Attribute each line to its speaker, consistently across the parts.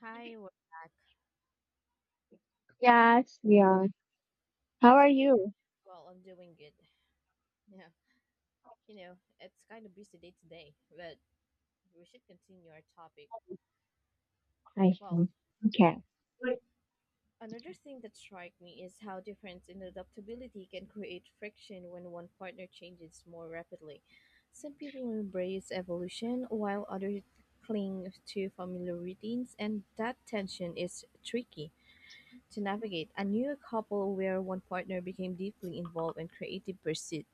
Speaker 1: Hi, we're back.
Speaker 2: Yes, yeah. How
Speaker 1: As
Speaker 2: are
Speaker 1: we
Speaker 2: you?
Speaker 1: I'm doing good. Yeah, it's kind of busy day today, but we should continue our topic.
Speaker 2: I
Speaker 1: Well,
Speaker 2: see. Okay.
Speaker 1: another thing that struck me is how difference in adaptability can create friction when one partner changes more rapidly. Some people embrace evolution while others cling to familiar routines, and that tension is tricky to navigate. I knew a couple where one partner became deeply involved in creative pursuit.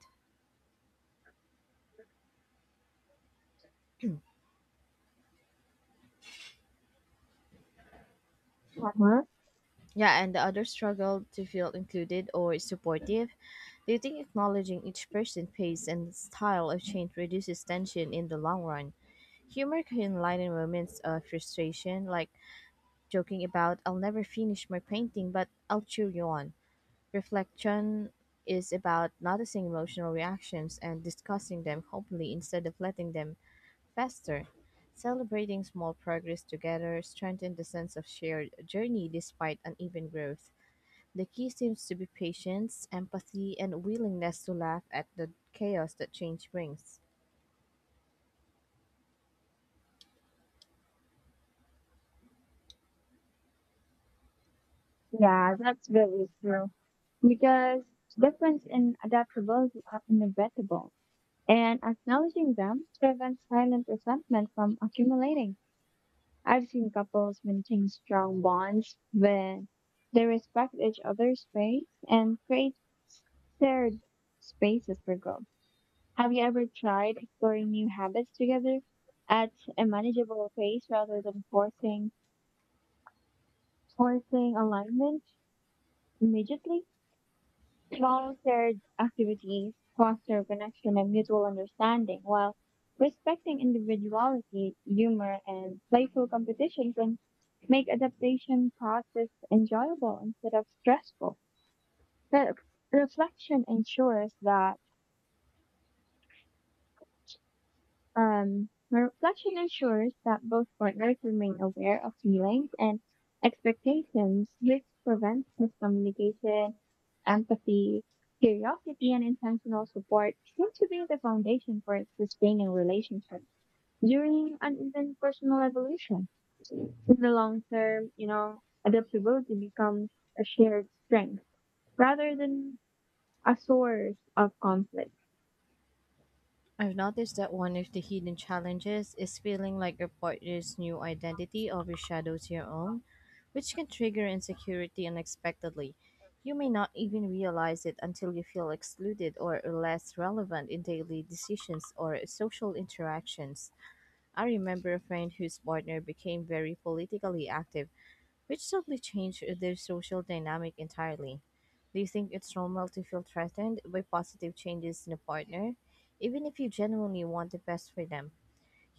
Speaker 2: Uh-huh.
Speaker 1: Yeah, and the others struggle to feel included or supportive. Do you think acknowledging each person's pace and style of change reduces tension in the long run? Humor can lighten moments of frustration, like joking about, I'll never finish my painting, but I'll cheer you on. Reflection is about noticing emotional reactions and discussing them hopefully instead of letting them fester. Celebrating small progress together strengthens the sense of shared journey despite uneven growth. The key seems to be patience, empathy, and willingness to laugh at the chaos that change brings.
Speaker 2: Yeah, that's very true. Because difference in adaptability are inevitable, and acknowledging them prevents silent resentment from accumulating. I've seen couples maintain strong bonds when they respect each other's space and create shared spaces for growth. Have you ever tried exploring new habits together at a manageable pace rather than forcing alignment immediately? Volunteered activities foster connection and mutual understanding while respecting individuality, humor, and playful competitions and make adaptation process enjoyable instead of stressful. Re- Reflection ensures that my reflection ensures that both partners remain aware of feelings and expectations, which prevents miscommunication, empathy, curiosity, and intentional support seem to be the foundation for sustaining relationships during and even personal evolution. In the long term, adaptability becomes a shared strength rather than a source of conflict.
Speaker 1: I've noticed that one of the hidden challenges is feeling like your partner's new identity overshadows your own, which can trigger insecurity unexpectedly. You may not even realize it until you feel excluded or less relevant in daily decisions or social interactions. I remember a friend whose partner became very politically active, which suddenly changed their social dynamic entirely. Do you think it's normal to feel threatened by positive changes in a partner, even if you genuinely want the best for them?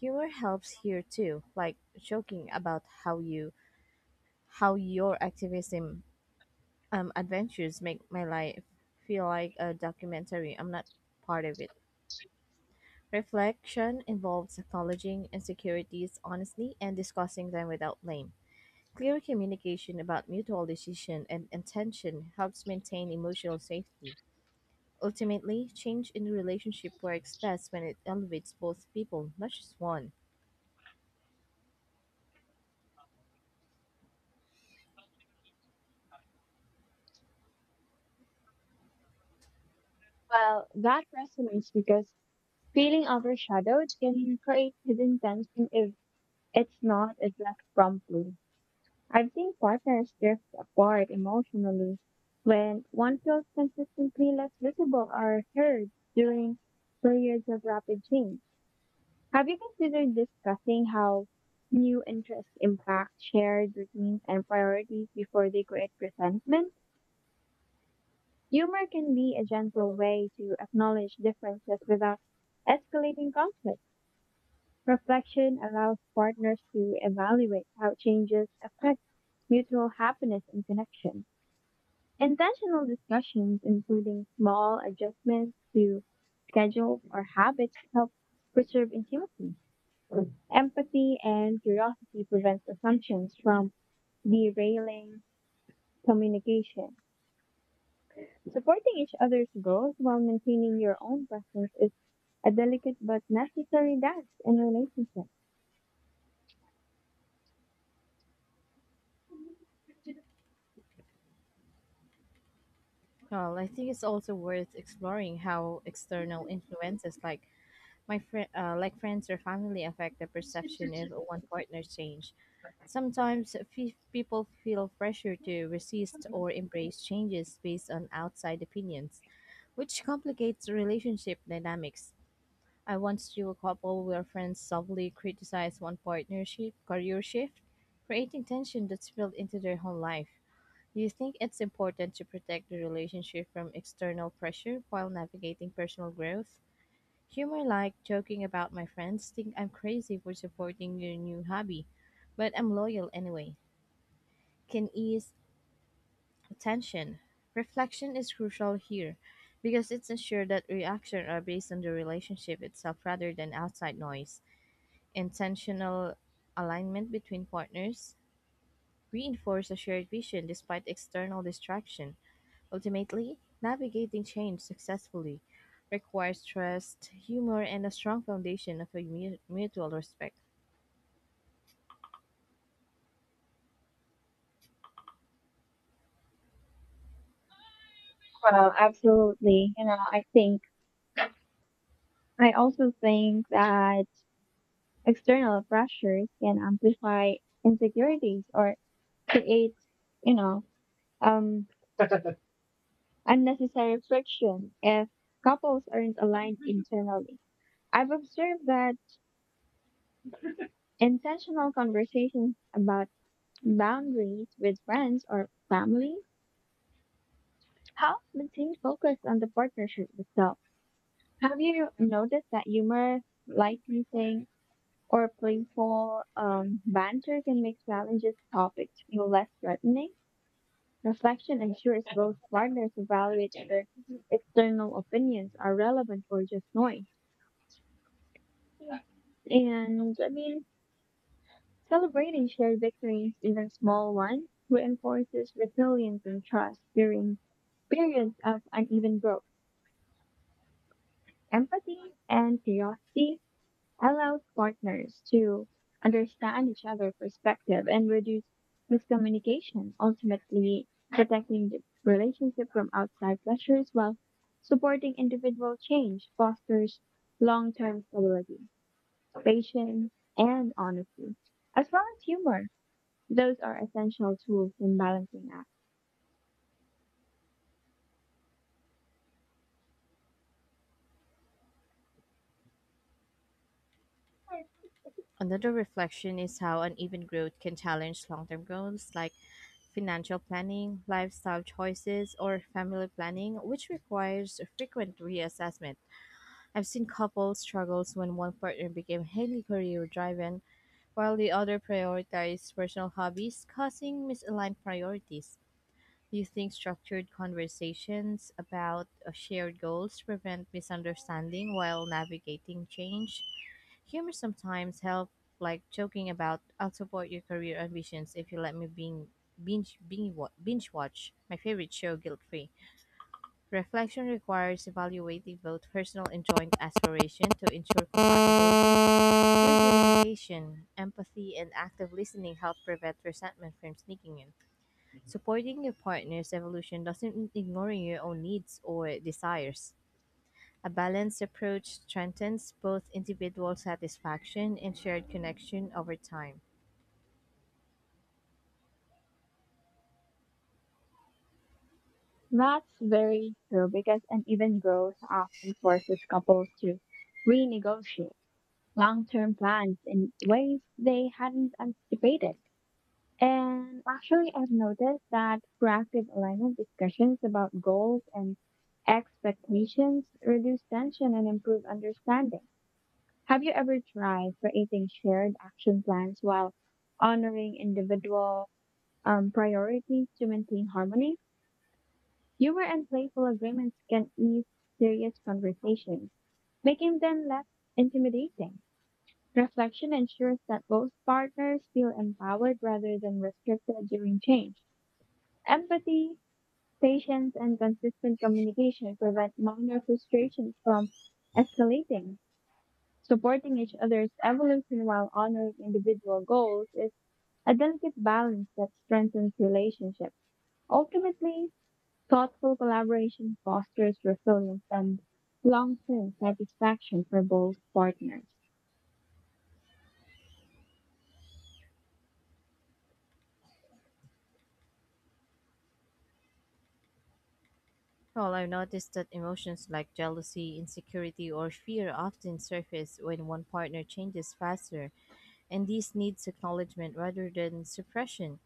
Speaker 1: Humor helps here too, like joking about how your activism adventures make my life feel like a documentary. I'm not part of it. Reflection involves acknowledging insecurities honestly and discussing them without blame. Clear communication about mutual decision and intention helps maintain emotional safety. Ultimately, change in the relationship works best when it elevates both people, not just one.
Speaker 2: Well, that resonates because feeling overshadowed can create hidden tension if it's not addressed promptly. I've seen partners drift apart emotionally when one feels consistently less visible or heard during periods of rapid change. Have you considered discussing how new interests impact shared routines and priorities before they create resentment? Humor can be a gentle way to acknowledge differences without escalating conflict. Reflection allows partners to evaluate how changes affect mutual happiness and connection. Intentional discussions, including small adjustments to schedule or habits, help preserve intimacy. Empathy and curiosity prevents assumptions from derailing communication. Supporting each other's growth while maintaining your own presence is a delicate but necessary dance in relationships.
Speaker 1: Well, I think it's also worth exploring how external influences like like friends or family, affect the perception of one partner's change. Sometimes people feel pressure to resist or embrace changes based on outside opinions, which complicates relationship dynamics. I once knew a couple where friends softly criticized one partnership career shift, creating tension that spilled into their whole life. Do you think it's important to protect the relationship from external pressure while navigating personal growth? Humor like joking about my friends think I'm crazy for supporting your new hobby, but I'm loyal anyway. Can ease tension. Reflection is crucial here because it's ensure that reactions are based on the relationship itself rather than outside noise. Intentional alignment between partners reinforce a shared vision despite external distraction. Ultimately, navigating change successfully requires trust, humor, and a strong foundation of mutual respect.
Speaker 2: Well, absolutely. You know, I also think that external pressures can amplify insecurities or create, you know, um, unnecessary friction if couples aren't aligned internally. I've observed that intentional conversations about boundaries with friends or family help maintain focus on the partnership itself. Have you noticed that humor, light things, or playful banter can make challenges topics feel less threatening? Reflection ensures both partners evaluate whether external opinions are relevant or just noise. And I mean, celebrating shared victories, even small ones, reinforces resilience and trust during periods of uneven growth. Empathy and curiosity allows partners to understand each other's perspective and reduce miscommunication, ultimately protecting the relationship from outside pressures while supporting individual change fosters long-term stability, patience, and honesty, as well as humor. Those are essential tools in balancing act.
Speaker 1: Another reflection is how uneven growth can challenge long term goals like financial planning, lifestyle choices, or family planning, which requires frequent reassessment. I've seen couples struggles when one partner became highly career driven while the other prioritize personal hobbies, causing misaligned priorities. Do you think structured conversations about shared goals prevent misunderstanding while navigating change? Humor sometimes help, like joking about "I'll support your career ambitions if you let me binge watch my favorite show guilt free." Reflection requires evaluating both personal and joint aspiration to ensure compatibility communication, empathy, and active listening help prevent resentment from sneaking in. Supporting your partner's evolution doesn't mean ignoring your own needs or desires. A balanced approach strengthens both individual satisfaction and shared connection over time.
Speaker 2: That's very true because uneven growth often forces couples to renegotiate long term plans in ways they hadn't anticipated. And actually, I've noticed that proactive alignment discussions about goals and expectations reduce tension and improve understanding. Have you ever tried creating shared action plans while honoring individual priorities to maintain harmony? Humor and playful agreements can ease serious conversations, making them less intimidating. Reflection ensures that both partners feel empowered rather than restricted during change. Empathy, patience, and consistent communication prevent minor frustrations from escalating. Supporting each other's evolution while honoring individual goals is a delicate balance that strengthens relationships. Ultimately, thoughtful collaboration fosters resilience and long-term satisfaction for both partners.
Speaker 1: Well, I've noticed that emotions like jealousy, insecurity, or fear often surface when one partner changes faster, and these needs acknowledgement rather than suppression.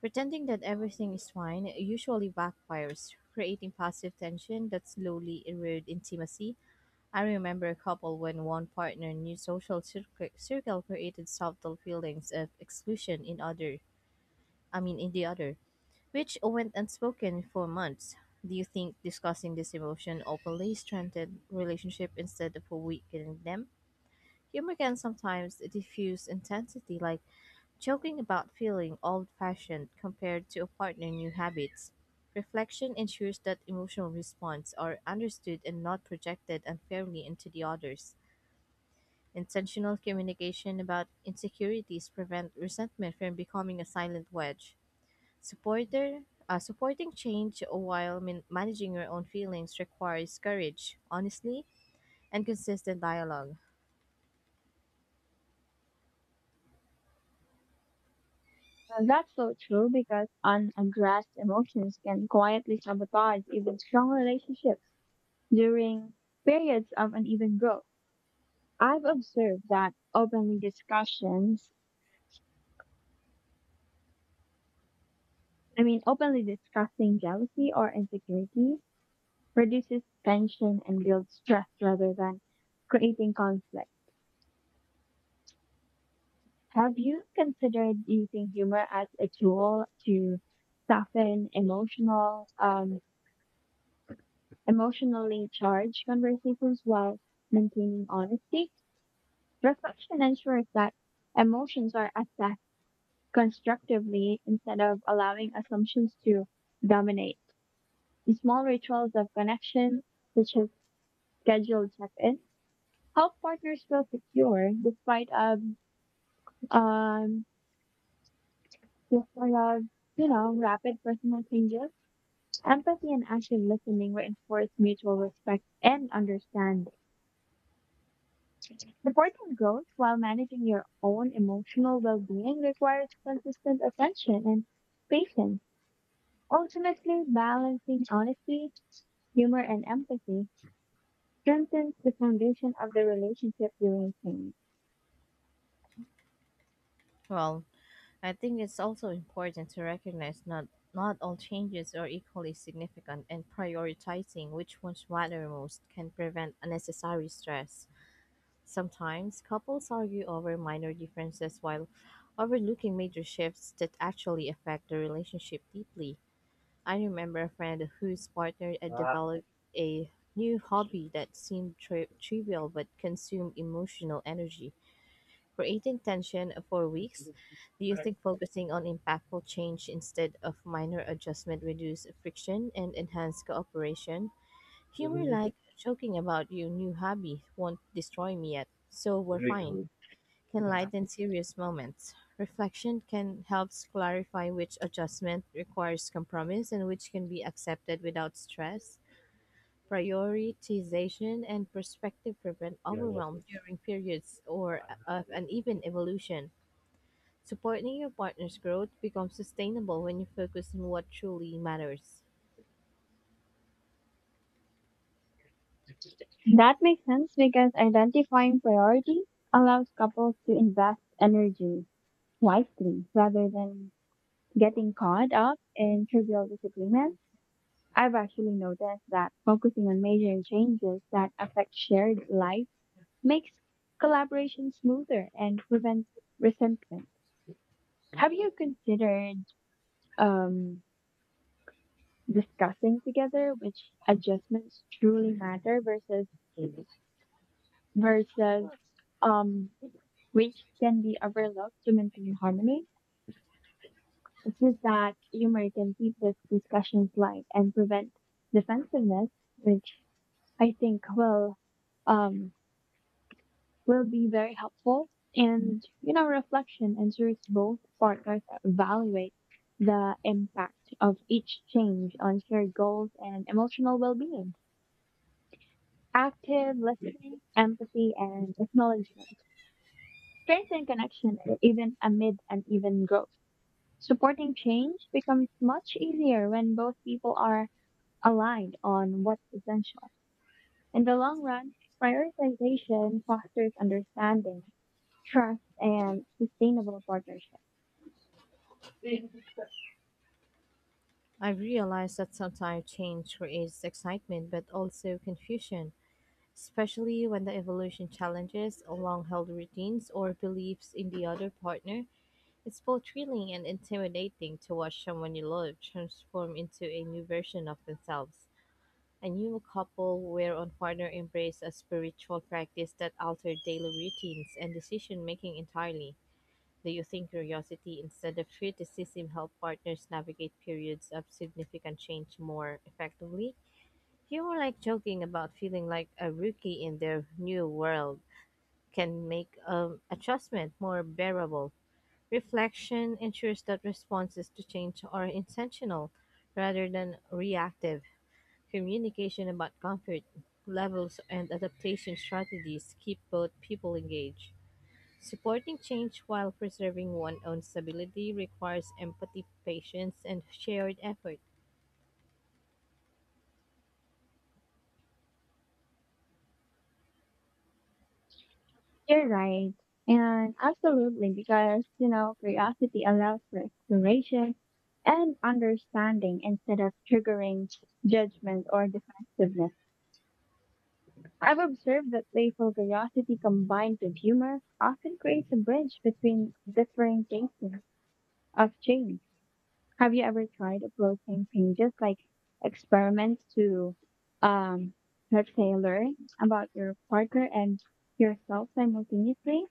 Speaker 1: Pretending that everything is fine usually backfires, creating passive tension that slowly erodes intimacy. I remember a couple when one partner knew social circle created subtle feelings of exclusion in other, I mean in the other, which went unspoken for months. Do you think discussing this emotion openly strengthened relationship instead of weakening them? Humor can sometimes diffuse intensity like joking about feeling old fashioned compared to partnering new habits. Reflection ensures that emotional response are understood and not projected unfairly into the others. Intentional communication about insecurities prevent resentment from becoming a silent wedge. Supporter, supporting change while managing your own feelings requires courage, honesty, and consistent dialogue.
Speaker 2: Well, that's so true because unaddressed emotions can quietly sabotage even strong relationships during periods of uneven growth. I've observed that openly discussions, I mean, openly discussing jealousy or insecurity reduces tension and builds stress rather than creating conflict. Have you considered using humor as a tool to soften emotionally charged conversations while maintaining honesty? Reflection ensures that emotions are assessed constructively instead of allowing assumptions to dominate. The small rituals of connection, such as scheduled check-ins, help partners feel secure um despite of you know rapid personal changes. Empathy and active listening reinforce mutual respect and understanding. Supporting growth while managing your own emotional well-being requires consistent attention and patience. Ultimately, balancing honesty, humor, and empathy strengthens the foundation of the relationship during change.
Speaker 1: Well, I think it's also important to recognize not all changes are equally significant, and prioritizing which ones matter most can prevent unnecessary stress. Sometimes couples argue over minor differences while overlooking major shifts that actually affect the relationship deeply. I remember a friend whose partner had developed a new hobby that seemed trivial but consumed emotional energy, creating tension for weeks. Do you think focusing on impactful change instead of minor adjustment reduce friction and enhance cooperation? Humor like joking about your new hobby won't destroy me yet, so we're fine. Can lighten serious moments. Reflection can help clarify which adjustment requires compromise and which can be accepted without stress. Prioritization and perspective prevent overwhelm during periods or of uneven evolution. Supporting your partner's growth becomes sustainable when you focus on what truly matters.
Speaker 2: That makes sense because identifying priorities allows couples to invest energy wisely rather than getting caught up in trivial disagreements. I've actually noticed that focusing on major changes that affect shared life makes collaboration smoother and prevents resentment. Have you considered um, discussing together which adjustments truly matter versus um, which can be overlooked to maintain harmony? It's just that humor can keep these discussions light and prevent defensiveness, which I think um, will be very helpful. And, you know, reflection ensures both partners evaluate the impact of each change on shared goals and emotional well being. Active listening, empathy, and acknowledgement strengthen connection even amid uneven growth. Supporting change becomes much easier when both people are aligned on what's essential. In the long run, prioritization fosters understanding trust and sustainable partnership.
Speaker 1: I've realized that sometimes change creates excitement but also confusion, especially when the evolution challenges long held routines or beliefs in the other partner. It's both thrilling and intimidating to watch someone you love transform into a new version of themselves. I knew a couple where one partner embraced a spiritual practice that altered daily routines and decision making entirely. Do you think curiosity instead of criticism help partners navigate periods of significant change more effectively? You were like joking about feeling like a rookie in their new world can make adjustment more bearable. Reflection ensures that responses to change are intentional rather than reactive. Communication about comfort levels and adaptation strategies keep both people engaged. Supporting change while preserving one's own stability requires empathy, patience, and shared effort.
Speaker 2: You're right. And absolutely, because, you know, curiosity allows for exploration and understanding instead of triggering judgment or defensiveness. I've observed that playful curiosity combined with humor often creates a bridge between differing phases of change. Have you ever tried approaching changes like experiments to um let's say learn about your partner and yourself simultaneously?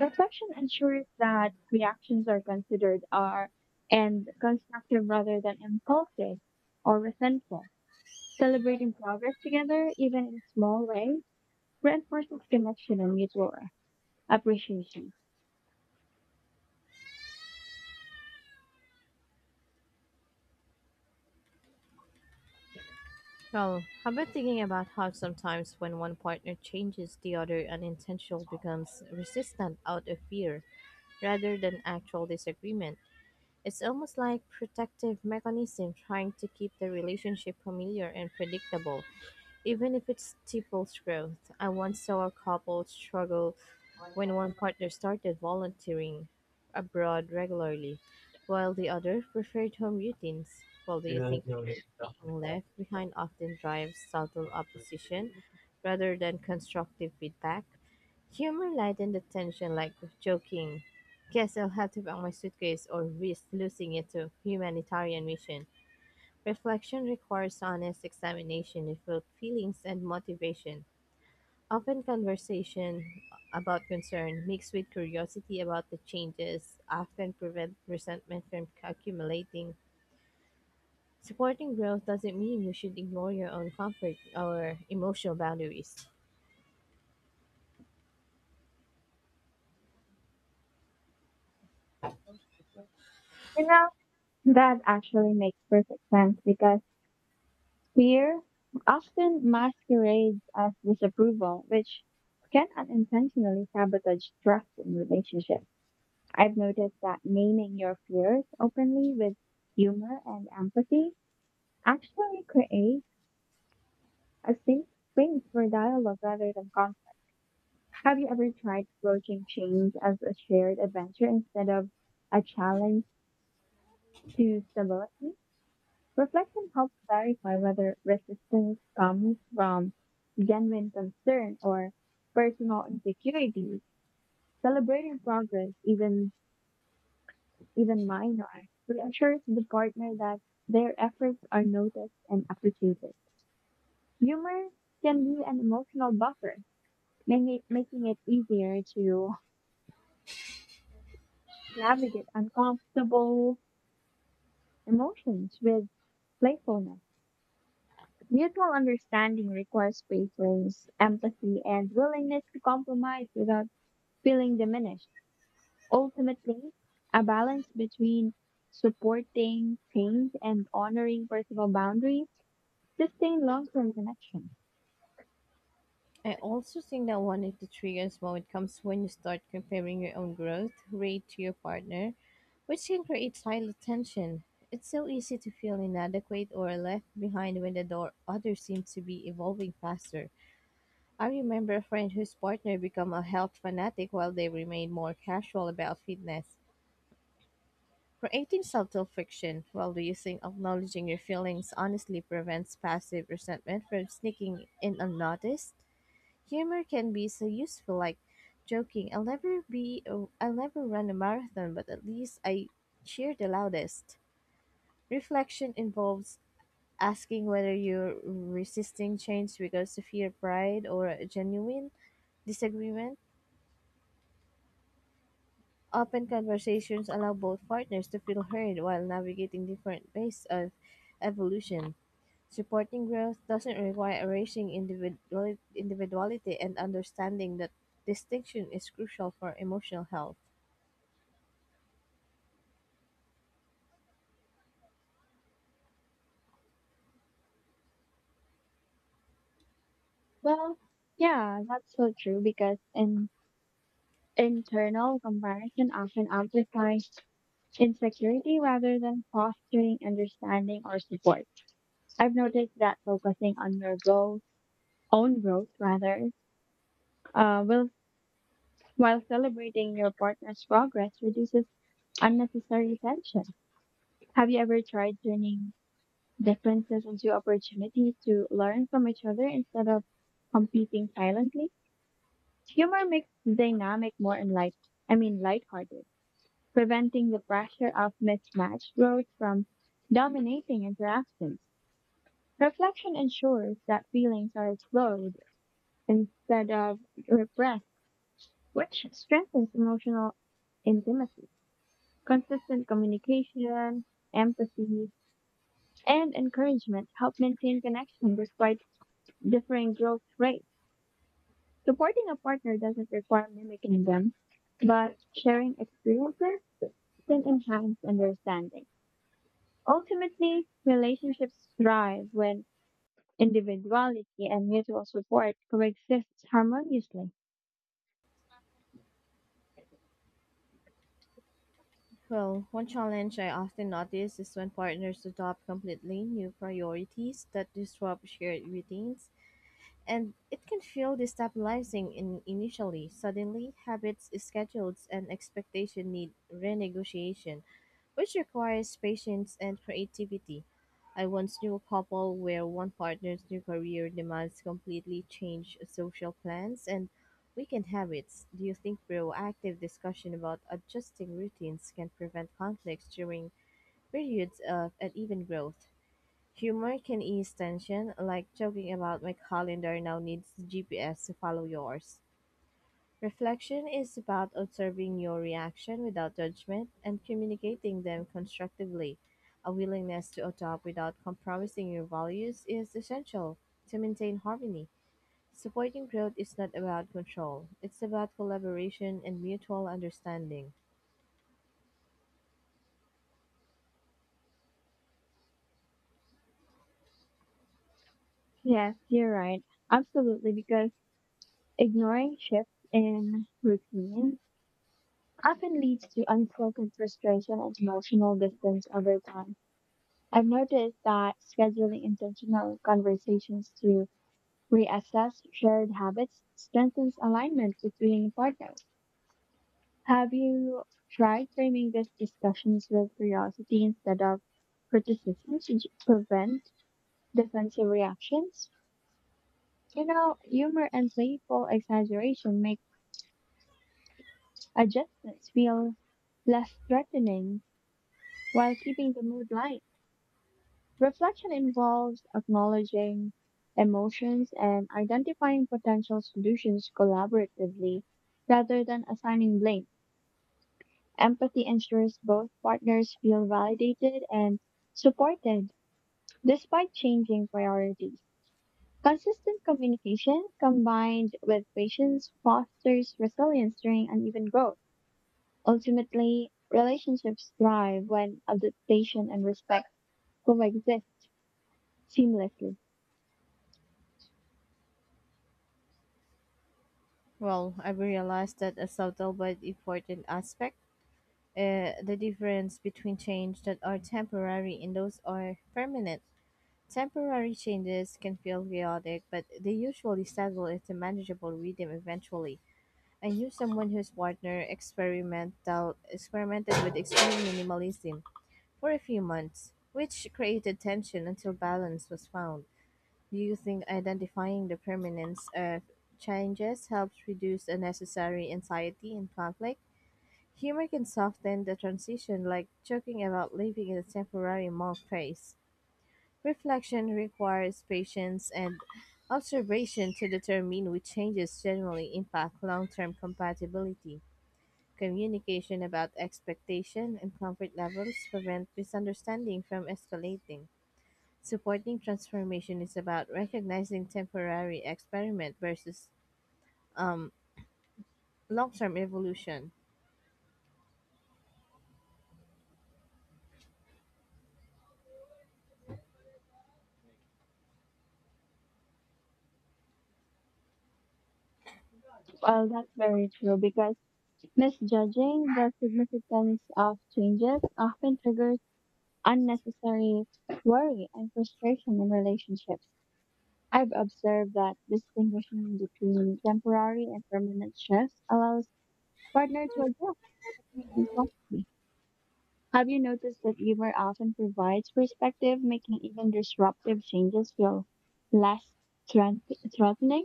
Speaker 2: Reflection ensures that reactions are considered are and constructive rather than impulsive or resentful. Celebrating progress together, even in small ways, reinforces connection and mutual appreciation.
Speaker 1: Well, how about thinking about how sometimes when one partner changes, the other unintentional becomes resistant out of fear rather than actual disagreement? It's almost like protective mechanism trying to keep the relationship familiar and predictable. Even if it stifles growth, I once saw a couple struggle when one partner started volunteering abroad regularly, while the other preferred home routines. Well, do you think fear of being left behind often drives subtle opposition rather than constructive feedback? Humor lightens the tension, like joking, guess I'll have to pack my suitcase or risk losing it to humanitarian mission. Reflection requires honest examination of both feelings and motivation, often conversation about concern mixed with curiosity about the changes often prevent resentment from accumulating. Supporting growth doesn't mean you should ignore your own comfort or emotional boundaries.
Speaker 2: You know, that actually makes perfect sense because fear often masquerades as disapproval, which can unintentionally sabotage trust in relationships. I've noticed that naming your fears openly with humor and empathy actually creates a safe space for dialogue rather than conflict. Have you ever tried approaching change as a shared adventure instead of a challenge to stability? Reflection helps clarify whether resistance comes from genuine concern or personal insecurity. Celebrating progress, even minor, reassures the partner that their efforts are noticed and appreciated. Humor can be an emotional buffer, making it easier to navigate uncomfortable emotions with playfulness. Mutual understanding requires patience, empathy, and willingness to compromise without feeling diminished. Ultimately, a balance between supporting change and honoring personal boundaries sustain long-term connection.
Speaker 1: I also think that one of the triggers moment comes when you start comparing your own growth rate to your partner, which can create silent tension. It's so easy to feel inadequate or left behind when the door others seem to be evolving faster. I remember a friend whose partner became a health fanatic while they remained more casual about fitness. Creating subtle friction while reducing acknowledging your feelings honestly prevents passive resentment from sneaking in unnoticed. Humor can be so useful, like joking, I'll never run a marathon, but at least I cheer the loudest. Reflection involves asking whether you're resisting change because of fear, pride, or a genuine disagreement. Open conversations allow both partners to feel heard while navigating different paces of evolution. Supporting growth doesn't require erasing individuality, and understanding that distinction is crucial for emotional health.
Speaker 2: Well, yeah, that's so true because in internal comparison often amplifies insecurity rather than fostering understanding or support. I've noticed that focusing on own growth rather, uh, will, while celebrating your partner's progress reduces unnecessary tension. Have you ever tried turning differences into opportunities to learn from each other instead of competing silently? Humor makes the dynamic more enlight I mean lighthearted, preventing the pressure of mismatched growth from dominating interactions. Reflection ensures that feelings are explored instead of repressed, which strengthens emotional intimacy. Consistent communication, empathy, and encouragement help maintain connection despite differing growth rates. Supporting a partner doesn't require mimicking them, but sharing experiences can enhance understanding. Ultimately, relationships thrive when individuality and mutual support coexist harmoniously.
Speaker 1: Well, one challenge I often notice is when partners adopt completely new priorities that disrupt shared routines, and it can feel destabilizing in initially. Suddenly, habits, schedules, and expectation need renegotiation, which requires patience and creativity. I once knew a couple where one partner's new career demands completely change social plans and weekend habits. Do you think proactive discussion about adjusting routines can prevent conflicts during periods of uneven growth? Humor can ease tension, like joking about my calendar now needs GPS to follow yours. Reflection is about observing your reaction without judgment and communicating them constructively. A willingness to adopt without compromising your values is essential to maintain harmony. Supporting growth is not about control, it's about collaboration and mutual understanding.
Speaker 2: Yes, you're right. Absolutely, because ignoring shifts in routines often leads to unspoken frustration and emotional distance over time. I've noticed that scheduling intentional conversations to reassess shared habits strengthens alignment between partners. Have you tried framing these discussions with curiosity instead of criticism to prevent defensive reactions? You know, humor and playful exaggeration make adjustments feel less threatening while keeping the mood light. Reflection involves acknowledging emotions and identifying potential solutions collaboratively rather than assigning blame. Empathy ensures both partners feel validated and supported despite changing priorities. Consistent communication combined with patience fosters resilience during uneven growth. Ultimately, relationships thrive when adaptation and respect coexist seamlessly.
Speaker 1: Well, I've realized that a subtle but important aspect, the difference between change that are temporary and those are permanent. Temporary changes can feel chaotic, but they usually settle into manageable rhythm eventually. I knew someone whose partner experimental experimented with extreme minimalism for a few months, which created tension until balance was found. Do you think identifying the permanence of changes helps reduce unnecessary anxiety and conflict? Humor can soften the transition, like joking about living in a temporary monk phase. Reflection requires patience and observation to determine which changes generally impact long term compatibility. Communication about expectation and comfort levels prevent misunderstanding from escalating. Supporting transformation is about recognizing temporary experiment versus um, long term evolution.
Speaker 2: Well, that's very true because misjudging the significance of changes often triggers unnecessary worry and frustration in relationships. I've observed that distinguishing between temporary and permanent shifts allows partner to adjust expectations. Well, have you noticed that humor often provides perspective, making even disruptive changes feel less threat- threatening?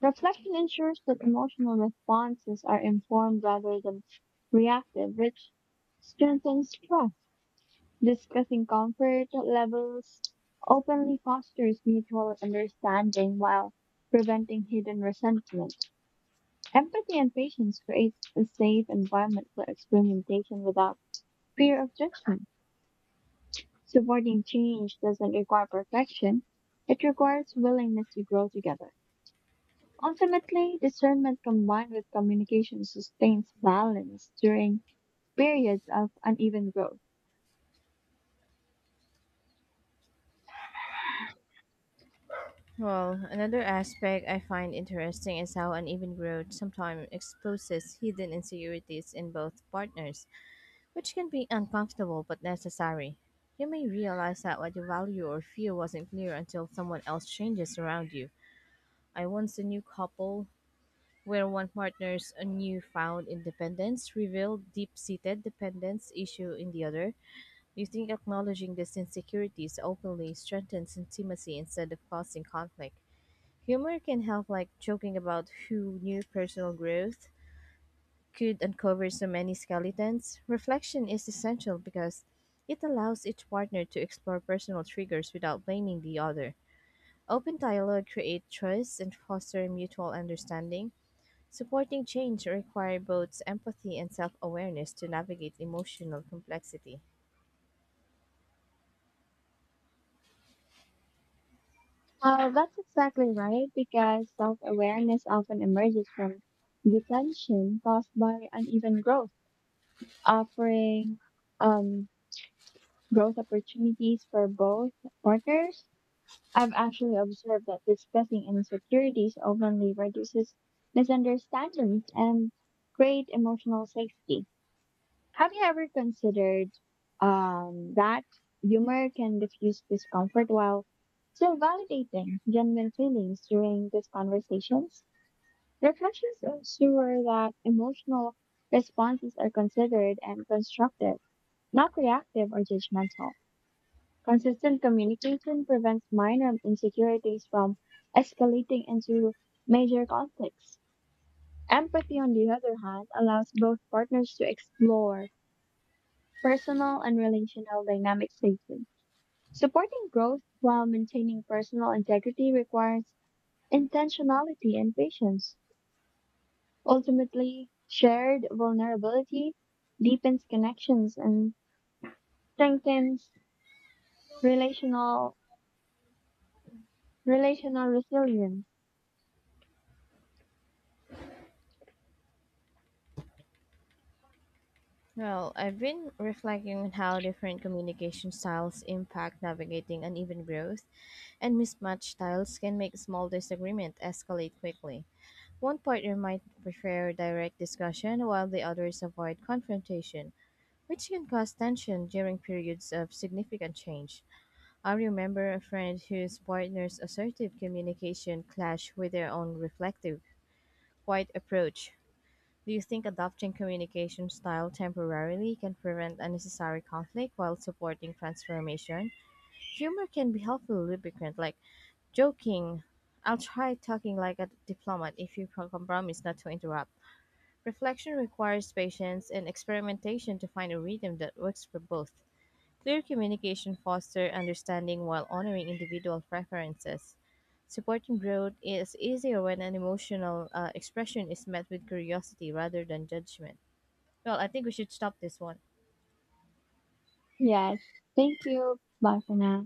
Speaker 2: Reflection ensures that emotional responses are informed rather than reactive, which strengthens trust. Discussing comfort levels openly fosters mutual understanding while preventing hidden resentment. Empathy and patience creates a safe environment for experimentation without fear of judgment. Supporting change doesn't require perfection. It requires willingness to grow together. Ultimately, discernment combined with communication sustains balance during periods of uneven growth.
Speaker 1: Well, another aspect I find interesting is how uneven growth sometimes exposes hidden insecurities in both partners, which can be uncomfortable but necessary. You may realize that what you value or fear wasn't clear until someone else changes around you. I once a new couple where one partner's a newfound independence revealed deep-seated dependence issue in the other. Do you think acknowledging these insecurities openly strengthens intimacy instead of causing conflict? Humor can help, like joking about who knew personal growth could uncover so many skeletons. Reflection is essential because it allows each partner to explore personal triggers without blaming the other. Open dialogue creates trust and foster mutual understanding. Supporting change requires both empathy and self awareness to navigate emotional complexity.
Speaker 2: Well, that's exactly right, because self awareness often emerges from detention caused by uneven growth, offering um, growth opportunities for both partners. I've actually observed that discussing insecurities openly reduces misunderstandings and create emotional safety. Have you ever considered that humor can diffuse discomfort while still validating genuine feelings during these conversations? Reflections ensure that emotional responses are considered and constructive, not reactive or judgmental. Consistent communication prevents minor insecurities from escalating into major conflicts. Empathy, on the other hand, allows both partners to explore personal and relational dynamics safely. Supporting growth while maintaining personal integrity requires intentionality and patience. Ultimately, shared vulnerability deepens connections and strengthens relational relational resilience.
Speaker 1: Well, I've been reflecting on how different communication styles impact navigating uneven growth, and mismatched styles can make small disagreement escalate quickly. One partner might prefer direct discussion while the others avoid confrontation, which can cause tension during periods of significant change. I remember a friend whose partner's assertive communication clashed with their own reflective, quiet approach. Do you think adopting communication style temporarily can prevent unnecessary conflict while supporting transformation? Humor can be helpful lubricant, like joking. I'll try talking like a diplomat if you promise not to interrupt. Reflection requires patience and experimentation to find a rhythm that works for both. Clear communication fosters understanding while honoring individual preferences. Supporting growth is easier when an emotional expression is met with curiosity rather than judgment. Well, I think we should stop this one.
Speaker 2: Yes. Thank you. Bye for now.